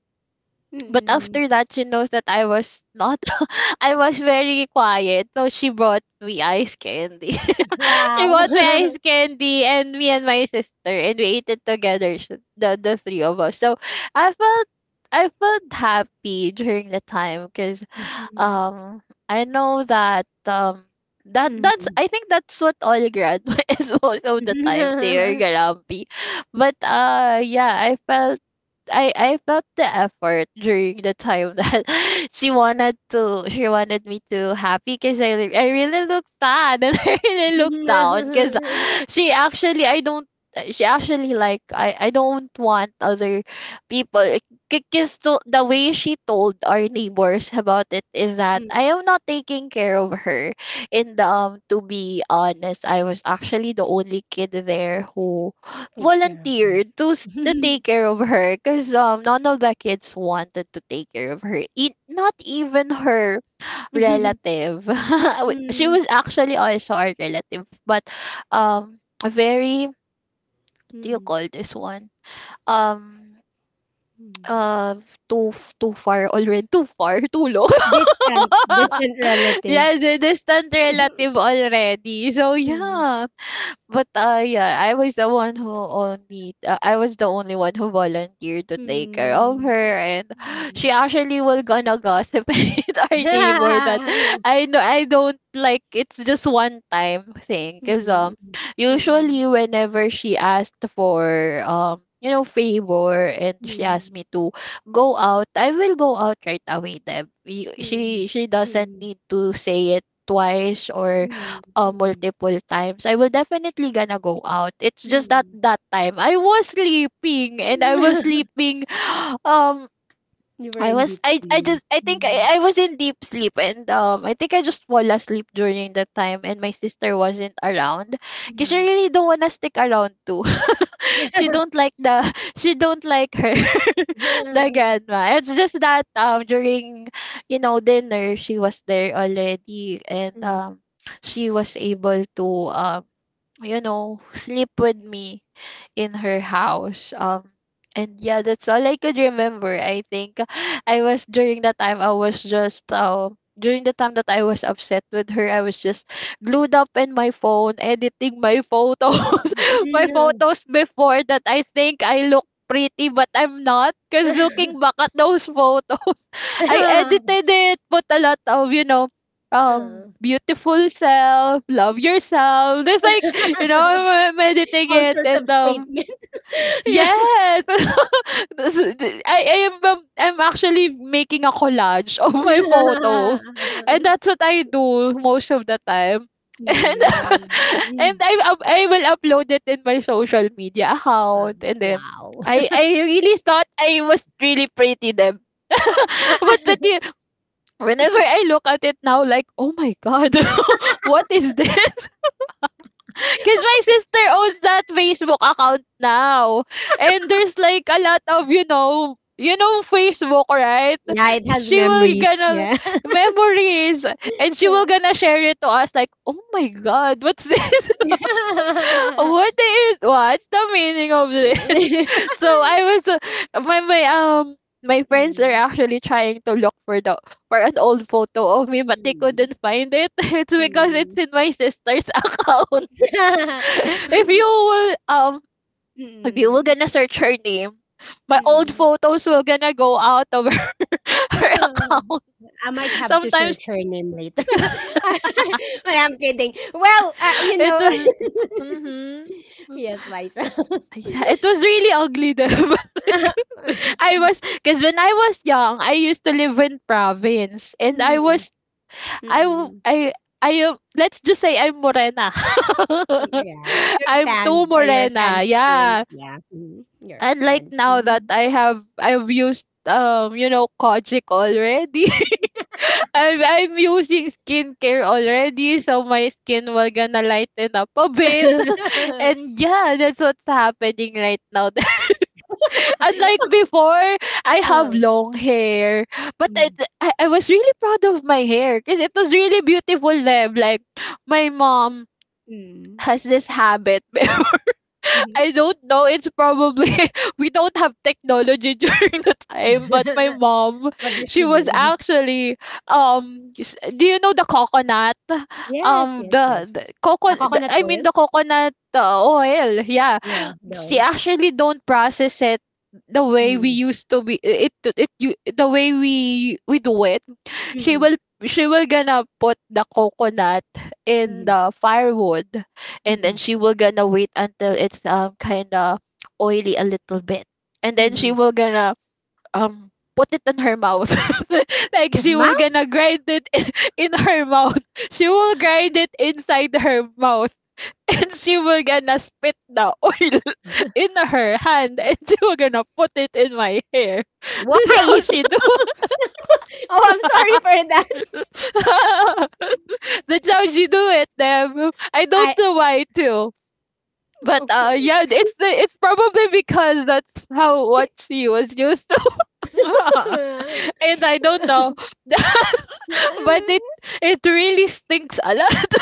but mm. after that, she knows that I was not, I was very quiet. So she brought me ice candy. She Wow. brought me ice candy, and me and my sister, and we ate it together, the three of us. So I felt, I felt happy during the time because, um, I know that, that's, Mm, I think that's what all grad is, most of the time they are mm. grumpy. But I felt I felt the effort during the time that she wanted me to happy because I really look sad and I really look down. she actually I don't she actually like I don't want other people because to, the way she told our neighbors about it is that Mm, I am not taking care of her. And to be honest, I was actually the only kid there who takes care of you. volunteered to to take care of her, because none of the kids wanted to take care of her, not even her Mm, relative. Wi She was actually also our relative, but, a very what do you mm, call this one? Um, mm. uh, too f too far already, too far, too long. Distant, distant relative. Well, the distant relative already. So, Mm, yeah. But I was the only one who volunteered to take care of her, mm, and she mm. actually will gonna gossip with our neighbor. That Mhm, I don't like, it's just one time thing, cause usually mhm, whenever she asked for you know favor and she asked mhm, me to go out, I will go out right away. Then mhm, she doesn't mhm, need to say it twice or mhm, multiple times, I will definitely gonna go out. It's mhm, just mhm, that mhm. that time I was sleeping and I was sleep. um You were in deep sleep. Mhm, I was in deep sleep, and I think I just fall asleep during that time and my sister wasn't around. Cause she mhm. really don't wanna stick around too. she don't like the she don't like her, the grandma. It's just that during dinner she was there already, and she was able to, um you know, sleep with me in her house. And yeah, that's all I could remember. I think I was during that time I was just, during the time that I was upset with her, I was just glued up in my phone, editing my photos, my photos before that. I think I look pretty, but I'm not, cause looking back at those photos. I edited it, put a lot of, you know, beautiful self, love yourself. There's like, you know, I'm editing All it, sorts and of statement. yes. This is- th- I am, I'm actually making a collage of my photo, Yeah. and that's what I do most of the time. And Mm. I will upload it in my social media Wow. account, and then Wow. I really thought I was really pretty then. But whenever I look at it now, like, "Oh my God, what is this?" Because my sister owns that Facebook account now, and there's, like, a lot of, you know Facebook, right? Yeah, it She has will memories. gonna Yeah. memories, and she will Yeah. gonna share it to us like, "Oh my God, what's this? What's the meaning of this?" So I was, my my um my friends are Mm, actually trying to look for the, for an old photo of me, but they mm, couldn't find it. It's because it's mm. in my sister's account. If you will um if you will Mm, gonna search her name, my old mm. photos will gonna go out of her. her ac- Oh, I might have to Sometimes search her name later. I, I'm kidding. Well, you it know. was mhm. Yes, Liza. It was really ugly though. I was because when I was young, I used to live in province, and I Mm, was I w- mm-mm. I am, let's just say I'm morena. Yeah, so I'm too your tan morena, skin. yeah. Yeah, mm, your And like tan now that skin. I've used, you know, Kojic already. I'm using skincare already, so my skin will gonna lighten up a bit. And yeah, that's what's happening right now. Unlike before, I have Oh, long hair. But I, mm, I was really proud of my hair because it was really beautiful then. Like, my mom mm. has this habit. Mhm. I don't know. It's probably we don't have technology during the time, but my mom, What does she she was do? actually, do you know the coconut? Yes, yes, yes. The The coconut. coconut I mean oil? the coconut oil. Yeah, Yeah, the oil. she actually don't process it the way we Mm. used to be it it, it you the way we do it. She Mm, will, she will gonna put the coconut in mhm, the firewood, and then mhm, she will gonna wait until it's kind of oily a little bit, and then she mhm. will gonna, um put it in her mouth. Like Your she will mouth? gonna grind it in her mouth, she will grind it inside her mouth, and she will gonna spit the oil in her hand, and she will gonna put it in my hair. This is how Why? she Oh, I'm sorry for that. that's how she do it, damn. I don't I know why too. But uh okay. yeah, it's probably because that's how what she was used to. And I don't know. But Well, it really stinks a lot.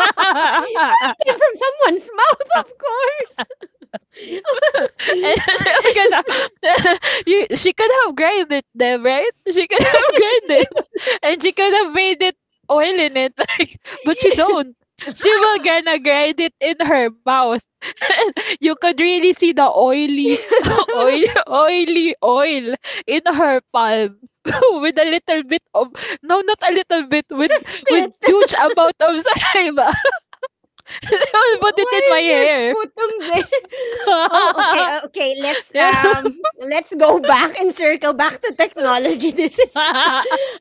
it came from someone's mouth, of And was course. gonna, you, she could have grinded them, right? She could have Yes, she grinded, could- and she could have made it oil in it, like, but she don't. She will gonna grind it in her mouth. You could really see the oily, oil, oily oil in her palm with a little bit of, no, not a little bit, It's a with spit. huge amount of saliva. She will put it Why in my is there hair. sputum there? Oh, okay, okay. Let's go back and circle back to technology.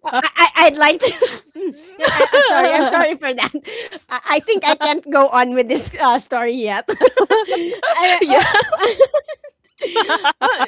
I I'd like to. Mm, yeah, I'm sorry. I'm sorry for that. I think I can't go on with this story yet. I, Yes. Oh,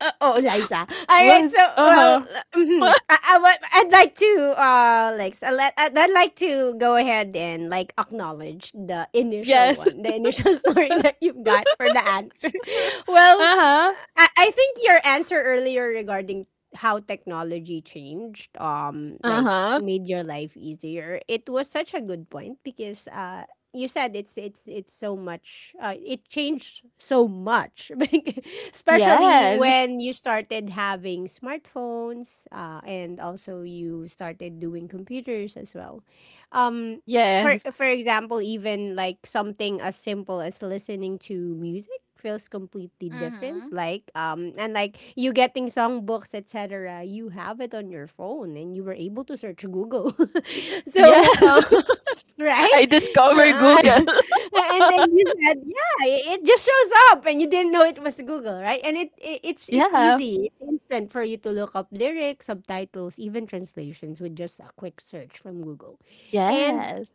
oh, Liza. All right. So, well, Uh-huh. mhm. I'd like to, like, I'd like to go ahead and like acknowledge the initial Yes. one, the initial story that you've got for the answer. Well, Uh-huh. I think your answer earlier regarding how technology changed, like Uh-huh. made your life easier. It was such a good point because, you said it's so much it changed so much. Especially Yes. when you started having smartphones and also you started doing computers as well. Um, for Yes. Example, even like something as simple as listening to music feels completely different. Like and like you getting songbooks, etc. You have it on your phone and you were able to search Google. Yes. So right? I discovered Google. And then you said it just shows up and you didn't know it was Google, right? And it's it's Yeah. easy. It's instant for you to look up lyrics, subtitles, even translations with just a quick search from Google. And Yes.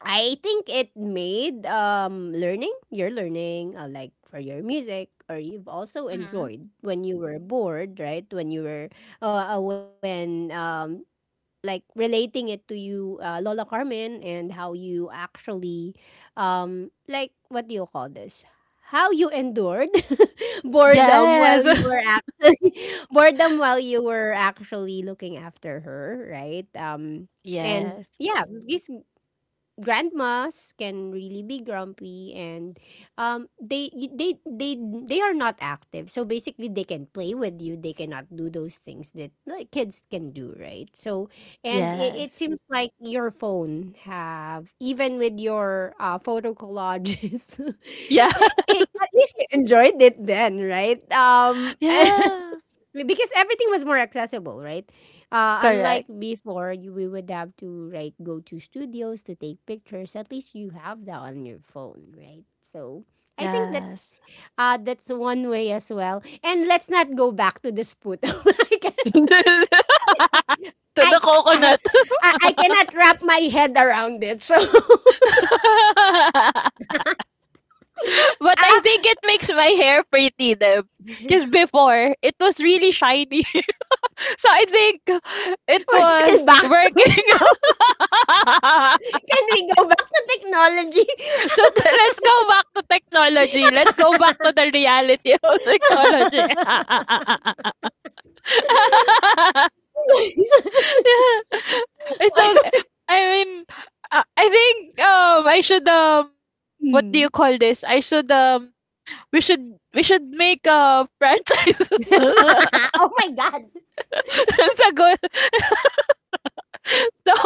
I think it made learning, your learning, like for your music or you've also Mm-hmm. enjoyed when you were bored, right? When you were when like relating it to you, Lola Carmen, and how you actually, like what do you call this? How you endured boredom while Yes. you were actually boredom while you were actually looking after her, right? And Yes. yeah, this grandmas can really be grumpy and um they they they they are not active, so basically they can play with you, they cannot do those things that like kids can do, right? So and it Yes. seems like your phone have even with your photo collages, Yeah. At least you enjoyed it then, right? Yeah. because everything was more accessible, right? Unlike Correct. before, we would have to like go to studios to take pictures. At least you have that on your phone, right? So I think Yes. That's one way as well. And let's not go back to the Sputo. To the I, I, uh, coconut. I cannot wrap my head around it. So But ah, I think it makes my hair pretty them. Because before, it was really shiny. So I think it we're was still back to it working. now. Can we go back to technology? Let's go back to technology. Let's go back to the reality of technology. So, I mean, I think, I should, what do you Hmm. call this? I should, we should, we should make a franchise. That's Oh my a good, so,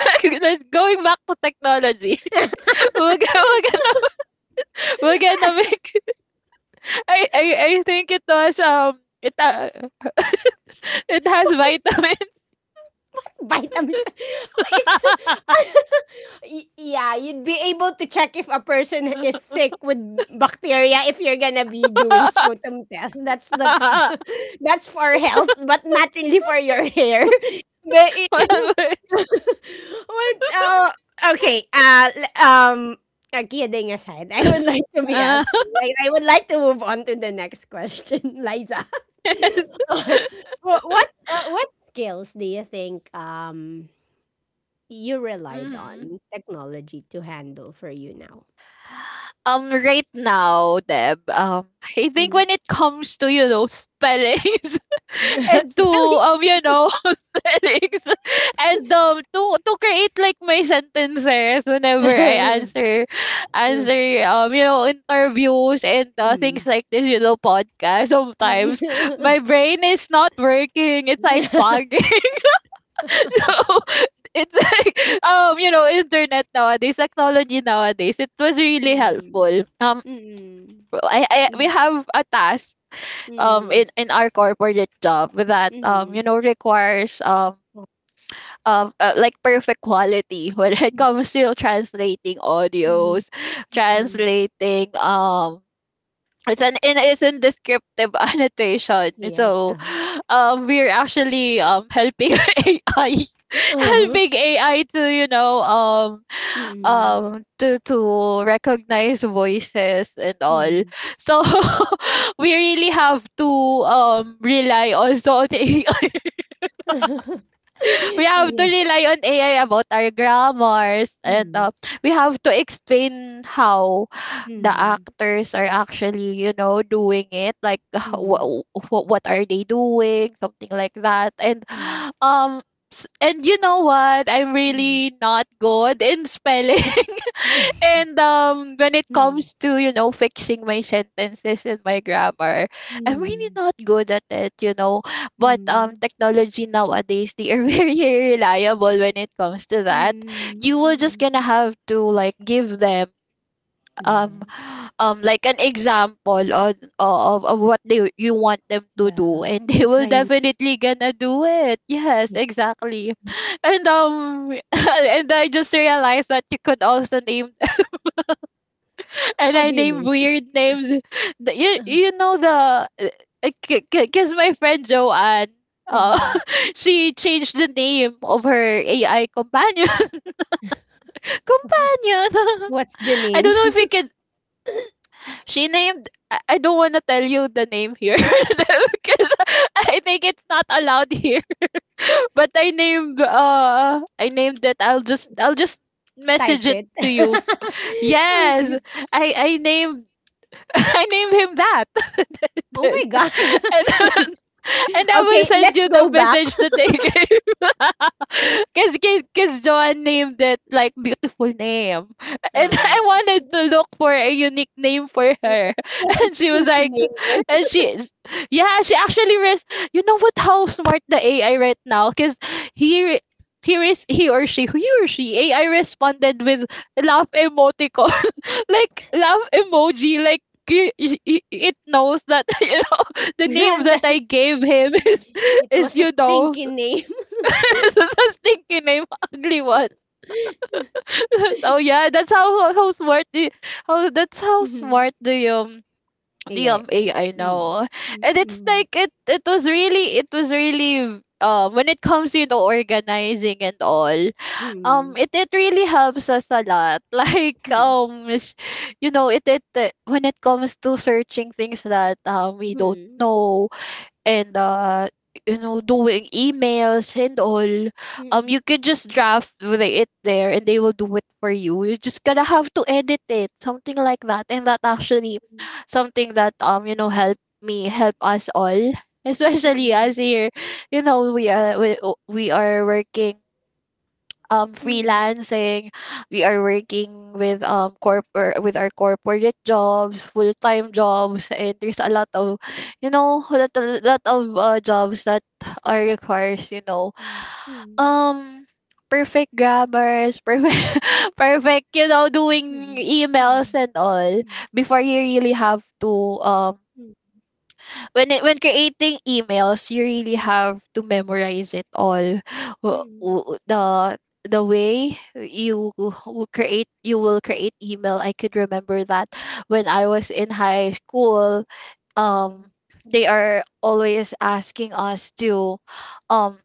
like, going back to technology, god. we're, gonna- we're gonna, we're gonna make, I think it was, it has vitamin. Vitamins. It's, yeah, you'd be able to check if a person is sick with bacteria if you're gonna be doing sputum test. That's for health, but not really for your hair. But it, what? Okay. Kidding aside, I would like to be asking. Like, I would like to move on to the next question, Liza. What skills do you think you relied Mhm. on technology to handle for you now? Right now, Deb, I think Mm. when it comes to, you know, spellings and to, Spellings. You know, spellings and to create like my sentences whenever I answer, answer, you know, interviews and Mm, things mm, like this, you know, podcast sometimes mm. my brain is not working. It's like Yeah. foggy. So it's like, you know, internet nowadays, technology nowadays, it was really Mm, helpful. Mm, mm, I we mm, have a task in our corporate job that mm. you know requires, Oh, of like perfect quality when it comes to translating mm, audios, mm, mm. translating, it's an in it's in descriptive annotation. Yes. So Uh-huh. We're actually helping ai Uh-huh. helping AI to, you know, Mm, to recognize voices and all. mm. So we really have to, rely also on A we have to Yeah. rely on AI about our grammars and, Mm, we have to explain how the mm, actors are actually, you know, doing it like mm, what what are they doing, something like that. And mm, um and you know what? I'm mm, really not good in spelling. And when it mm, comes to, you know, fixing my sentences and my grammar, I'm really mm, not good at it, you know, but mm. technology nowadays they are very reliable when it comes to that. You will just Mm, gonna have to like give them, um yes, like an example on of what they you want them to do, yeah. and they You will train, definitely gonna do it. Yes, yeah. exactly. And and I just realized that you could also name, and How I do you name name? weird names. You you know the, because my friend Joanne, uh, Uh-huh, she changed the name of her AI companion. uh-huh. Companion. What's the I don't name? know if you can. She named. I don't want to tell you the name here, because I think it's not allowed here. But I named. I named it. I'll just Type message it it. to you. Yes, Okay. I named I named him that. Oh and, my God. and, and I will Okay, send let's you go the back. message that they gave. Because cause cause Joanne named it like beautiful name. And Uh, I wanted to look for a unique name for it her. was a And she was stinky like, name. Right? and she, yeah, she actually, you know what, how smart the AI right now? Because he, re- he or she, AI responded with laugh emoticon, like love emoji, like it knows that the name that I gave him is It is was a you know stinky name. a stinky name, ugly one. So yeah, that's how smart the— how that's how Mm-hmm. smart the AIS. AI Mm. now. Mm, And it's mm, like it was really, it was really when it comes to, you know, organizing and all. Mm, It it really helps us a lot. It it when it comes to searching things that we don't know, and doing emails and all. mm, mm, You can just draft with it there and they will do it for you. You just gonna have to edit it, something like that. And that actually something that help me, help us all. mm, mm, Especially mm, us here, you know we are we, we are working, mm, mm, freelancing. We are working with corporate, with our corporate jobs, full-time jobs, and there's a lot of, a lot of jobs that are requires, mm, um perfect grammars. Perfect, perfect doing mm, emails mm, and all. mm. Before, you really have to, um Mm, when creating emails, you really have to memorize it all. W- mm, w- The the way you will create, you will create email. I could remember that when I was in high school, um, mm, they are always asking us to um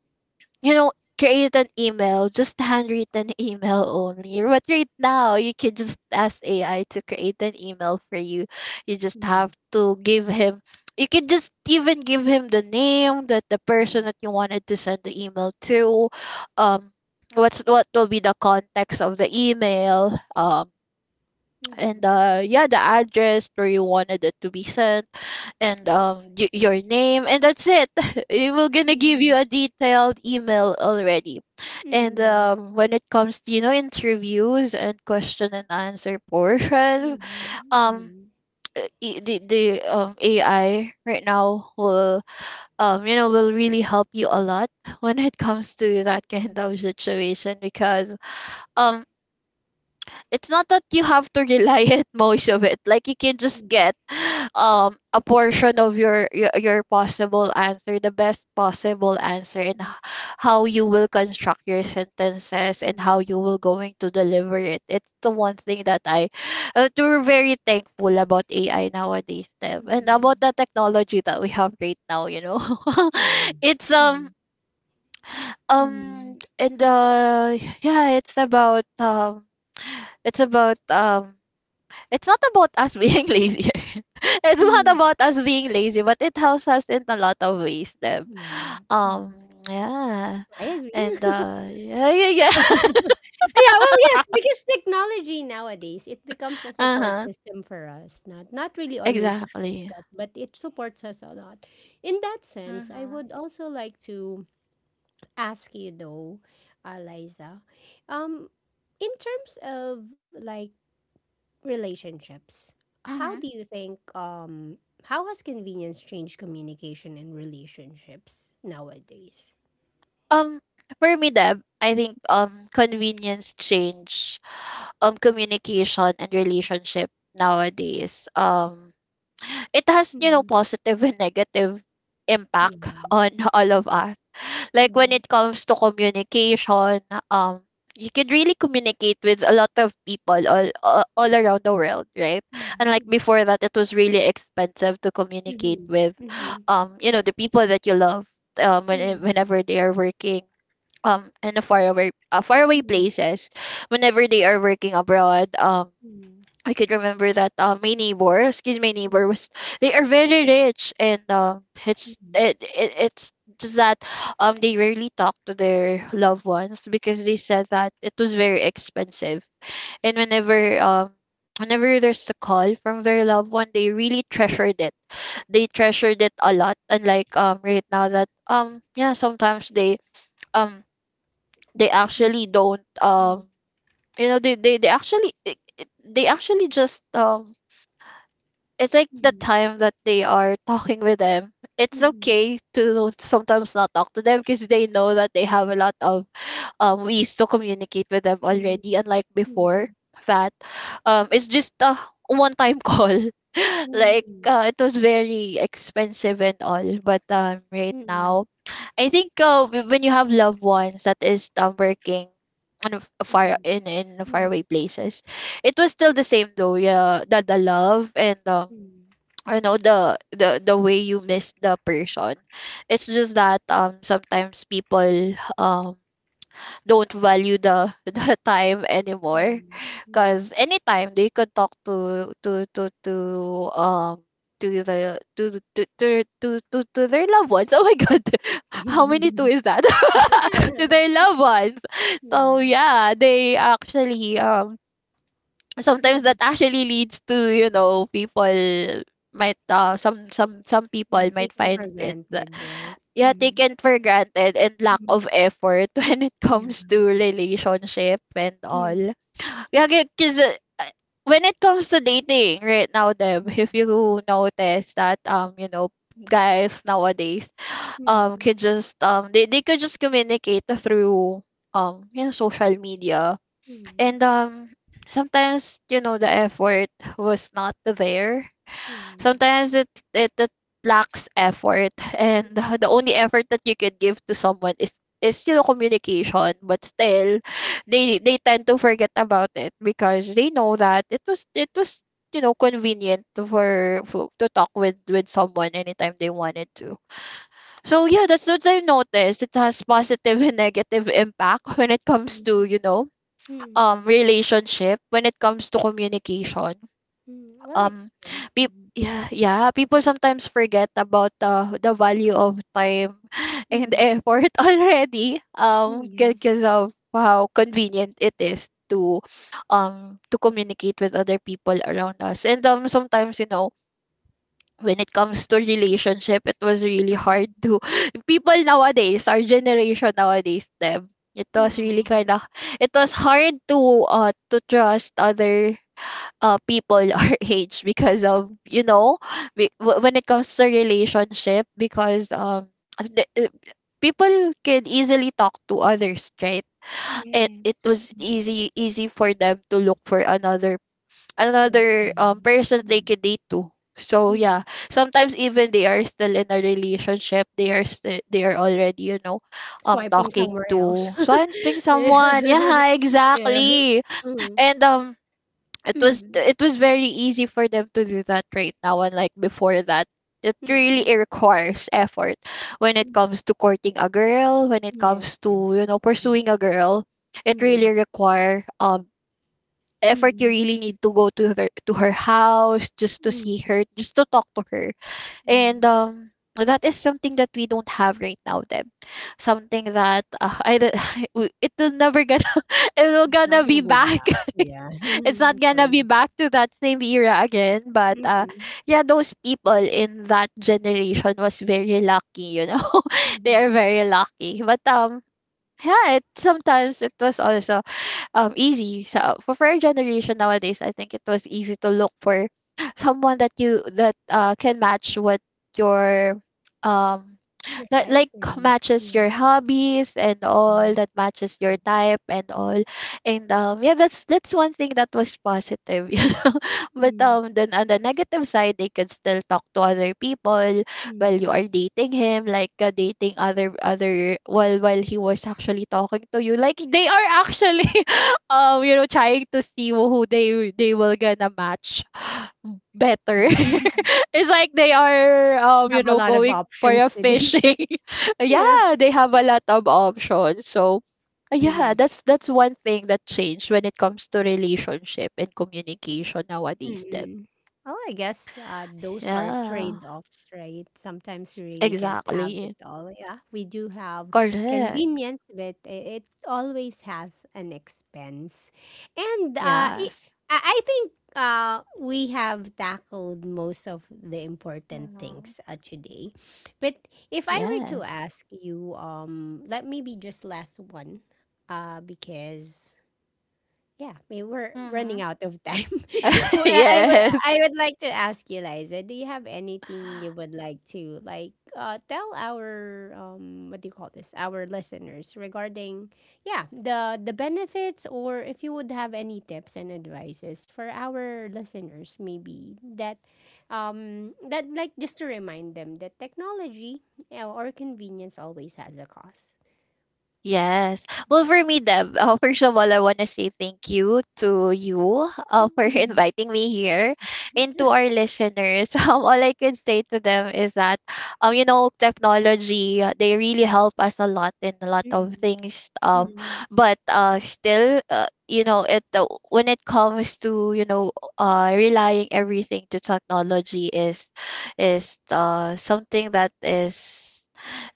you know, create an email, just handwritten email only. But right now, you can just ask AI to create an email for you. You just have mm, to give him, you can just even give him the name that the person mm, that you wanted to send the email to, um, what's what will be the context of the email, and mm, yeah, the address where you wanted it to be sent, and your name, and that's it. It will gonna give you mm, a detailed email already. mm, And mm, when it comes to, you know, interviews and question and answer portions, mm, mm, um the AI right now will will really help you a lot when it comes to that kind of situation. Because um it's not that you have to rely it most of it, like you can just mm, get a portion of your your possible answer, the best possible answer, and mm, how you will construct your sentences and how mm, you will going to deliver it, it's the one thing that I we're very thankful about AI nowadays, Deb. And about mm. the technology that we have right now, you know. Oh, yeah. It's Mm, mm, and yeah, it's about it's not about us being lazy. It's not mm. about us being lazy, but it helps us in a lot of ways, Deb. Yeah. Um, Mm. yeah. I And agree. Yeah, yeah, yeah. Yeah, well, yes, because technology nowadays, it becomes a Uh support huh. system for us. Not not really always a Exactly. shortcut, but it supports us a lot. In that sense, I Mm-hmm. would also like to ask you though, Liza, um, in terms of like relationships, how do Mm-hmm. you think how has convenience changed communication and relationships nowadays? Um, for me, Deb, I think, convenience change communication and relationship nowadays, it Mm-hmm. has, you know, positive and negative Yeah. impact on all of us. Like when Yeah. it comes to communication, um you could really communicate with a lot of people all around the world, right? And like Mm-hmm. before that, it was really expensive to communicate Mm-hmm. with, Mm-hmm. You know, the people that you love, whenever they are working, in a faraway faraway places, whenever they are working abroad. I could remember that, my neighbor, excuse my neighbor, was— they are very rich, and it's it, it it's just that they rarely talk to their loved ones because they said that it was very expensive, and whenever there's a call from their loved one, they really treasured it. They treasured it a lot, unlike right now that yeah, sometimes they, um they actually don't, you know, they actually, they actually just, it's like the time that they are talking with them, it's okay to sometimes not talk to them because they know that they have a lot of ways to communicate with them already, unlike before that it's just a one time call, like it was very expensive and all. But right now, I think when you have loved ones that is, working on a far, in faraway Mm-hmm. places, it was still the same though. Yeah, that the love, and you know, the way you miss the person, it's just that sometimes people don't value the the time anymore, because Mm-hmm. anytime they could talk um to to their loved ones. Oh my god, how many two is that? To their loved ones. So Yeah. yeah, they actually, sometimes that Mm. actually leads to, you know, people might some some people Yeah, might take him find for it granted, right? yeah, Mm. taken for granted and lack Mm. of effort when it Yeah. comes to relationship and all. Mm. Yeah, because when it comes to dating right now them, if you notice that, you know, guys nowadays Mm. could just they could just communicate through you know, social media. Mm. And sometimes, you know, the effort was not there. Mm. Sometimes it lacks effort, and the only effort that you can give to someone is you know, communication. But still, they tend to forget about it because they know that it was, you know, convenient to— for to talk with someone anytime they wanted to. So yeah, that's what I noticed, it has positive and negative impact when it comes Mm. to, you know, Mm. relationship, when it comes to communication. Mm. Well, um it's true. peop Mm. yeah, yeah, people Mm. sometimes forget about the value of time and Mm. effort already, Mm. Yes. because of how convenient it is to, to communicate with other people around us. And sometimes, you know, when it comes to relationship, it was really hard Mm. to people nowadays, our generation nowadays, them. It was Yeah. really kind of, it was hard to trust other people our age, because of, you know, when it comes to relationship, because the, uh, people can easily talk to others, right? it Yes. was easy for them to look for another, another Person. person they could Mm. date to. So yeah, Mm. sometimes even they are still in a relationship, they are still, they are already, you know, Swiping talking somewhere to, else. swiping Yeah. someone. Yeah, Yeah. exactly. Mm. And Mm. it was very easy for them to do that right now. And like before that, it really requires effort when it comes Mm. to courting a girl, when it Yes. comes to, Yes. you know, Mm. pursuing a girl. It really Mm. require effort. You Mm. really need to go to her, to her house, just to see Mm, her, just to talk to her. yeah, And that is something that we don't have right now, Deb. Something that, I don't- it will never gonna it will it's gonna not be gonna go back. back, yeah. It's not Mhm, gonna be true. back to that same era again. But Mm, yeah, those people in that generation was very lucky, you know. They are mhm. very lucky. But yeah, it sometimes, it was also easy. So for our generation nowadays, I think it was easy to look for someone that you that can match what your um Your that type like is, matches yeah, your hobbies and all, yeah. that matches your type and all. And yeah, that's one thing that was positive. You know, but Mm, then on the negative side, they can still talk to other people while you are mm. dating him, like dating other, other while he was actually talking to you, like they are actually you know, trying to see who they will gonna match better. It's like they are, you Have a know, lot of going for a options today. fishing. Yeah. Yeah, they have a lot of options. So yeah, Mhm. That's one thing that changed when it comes to relationship and communication nowadays then. Mm. Well, I guess those are Yeah, trade-offs, right? Sometimes we really can't have it exactly. all. Yeah, we do have Correct. convenience, but it always has an expense. And Yes. I think we have tackled most of the important Mm-hmm. things today. But if I were to Yes. ask you, let me be just last one, because. Yeah, we we're Mm-hmm. running out of time. Well, Yes. I would like to ask you, Liza, do you have anything you would like to like tell our what do you call this? Our listeners regarding yeah, the benefits or if you would have any tips and advices for our listeners maybe that that like just to remind them that technology or convenience always has a cost. Yes. Well, for me, Deb, first of all, I want to say thank you to you for Mm. inviting me here. And to our listeners, all I could say to them is that, you know, technology, they really help us a lot in a lot Mm. of things. Mm. But still, you know, it, when it comes to, you know, relying everything to technology is something that is,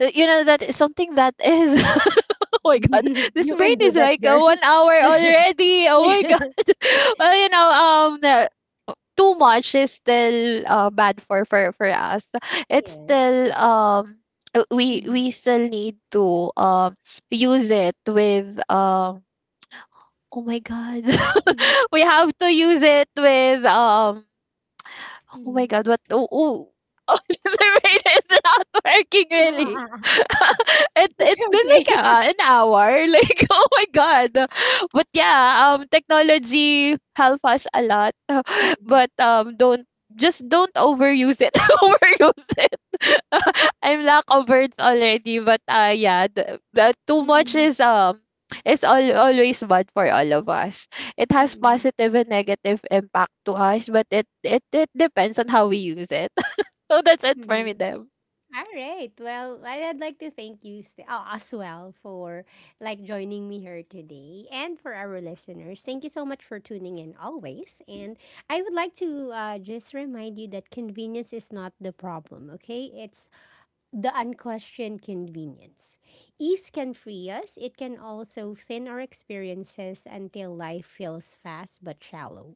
you know, that is something that is. Oh my god, You this can brain do is that, like girl. 1 hour already. Oh my god. Well, you know, too much is still bad for for us. It's Yes. still Mhm. we still need to use it with. Oh my god, Mhm. we have to use it with Oh my Mhm. god, what? Oh, oh. Oh, the brain is not working really. it It's it's been okay. like an hour. Like oh my god. But yeah, technology help us a lot. Mm-mm. But don't, just don't overuse it. Overuse it. I'm lack of words already. But yeah, the too much Mm-mm. is, is all, always bad for all of us. It has Mm, positive and negative impact to us, but it depends on how we use it. So that's it for me, Deb. right. Well, I- I'd like to thank you oh, as well for like joining me here today, and for our listeners, thank you so much for tuning in always. And I would like to just remind you that convenience is not the problem, okay? It's the unquestioned convenience. Ease can free us, it can also thin our experiences until life feels fast but shallow.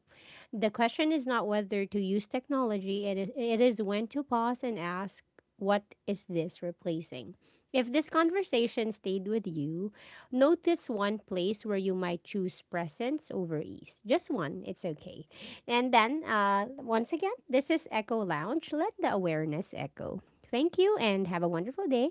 The question is not whether to use technology, it is when to pause and ask, what is this replacing? If this conversation stayed with you, notice one place where you might choose presence over ease. Just one, it's okay. And then, once again, this is Echo Lounge. Let the awareness echo. Thank you and have a wonderful day.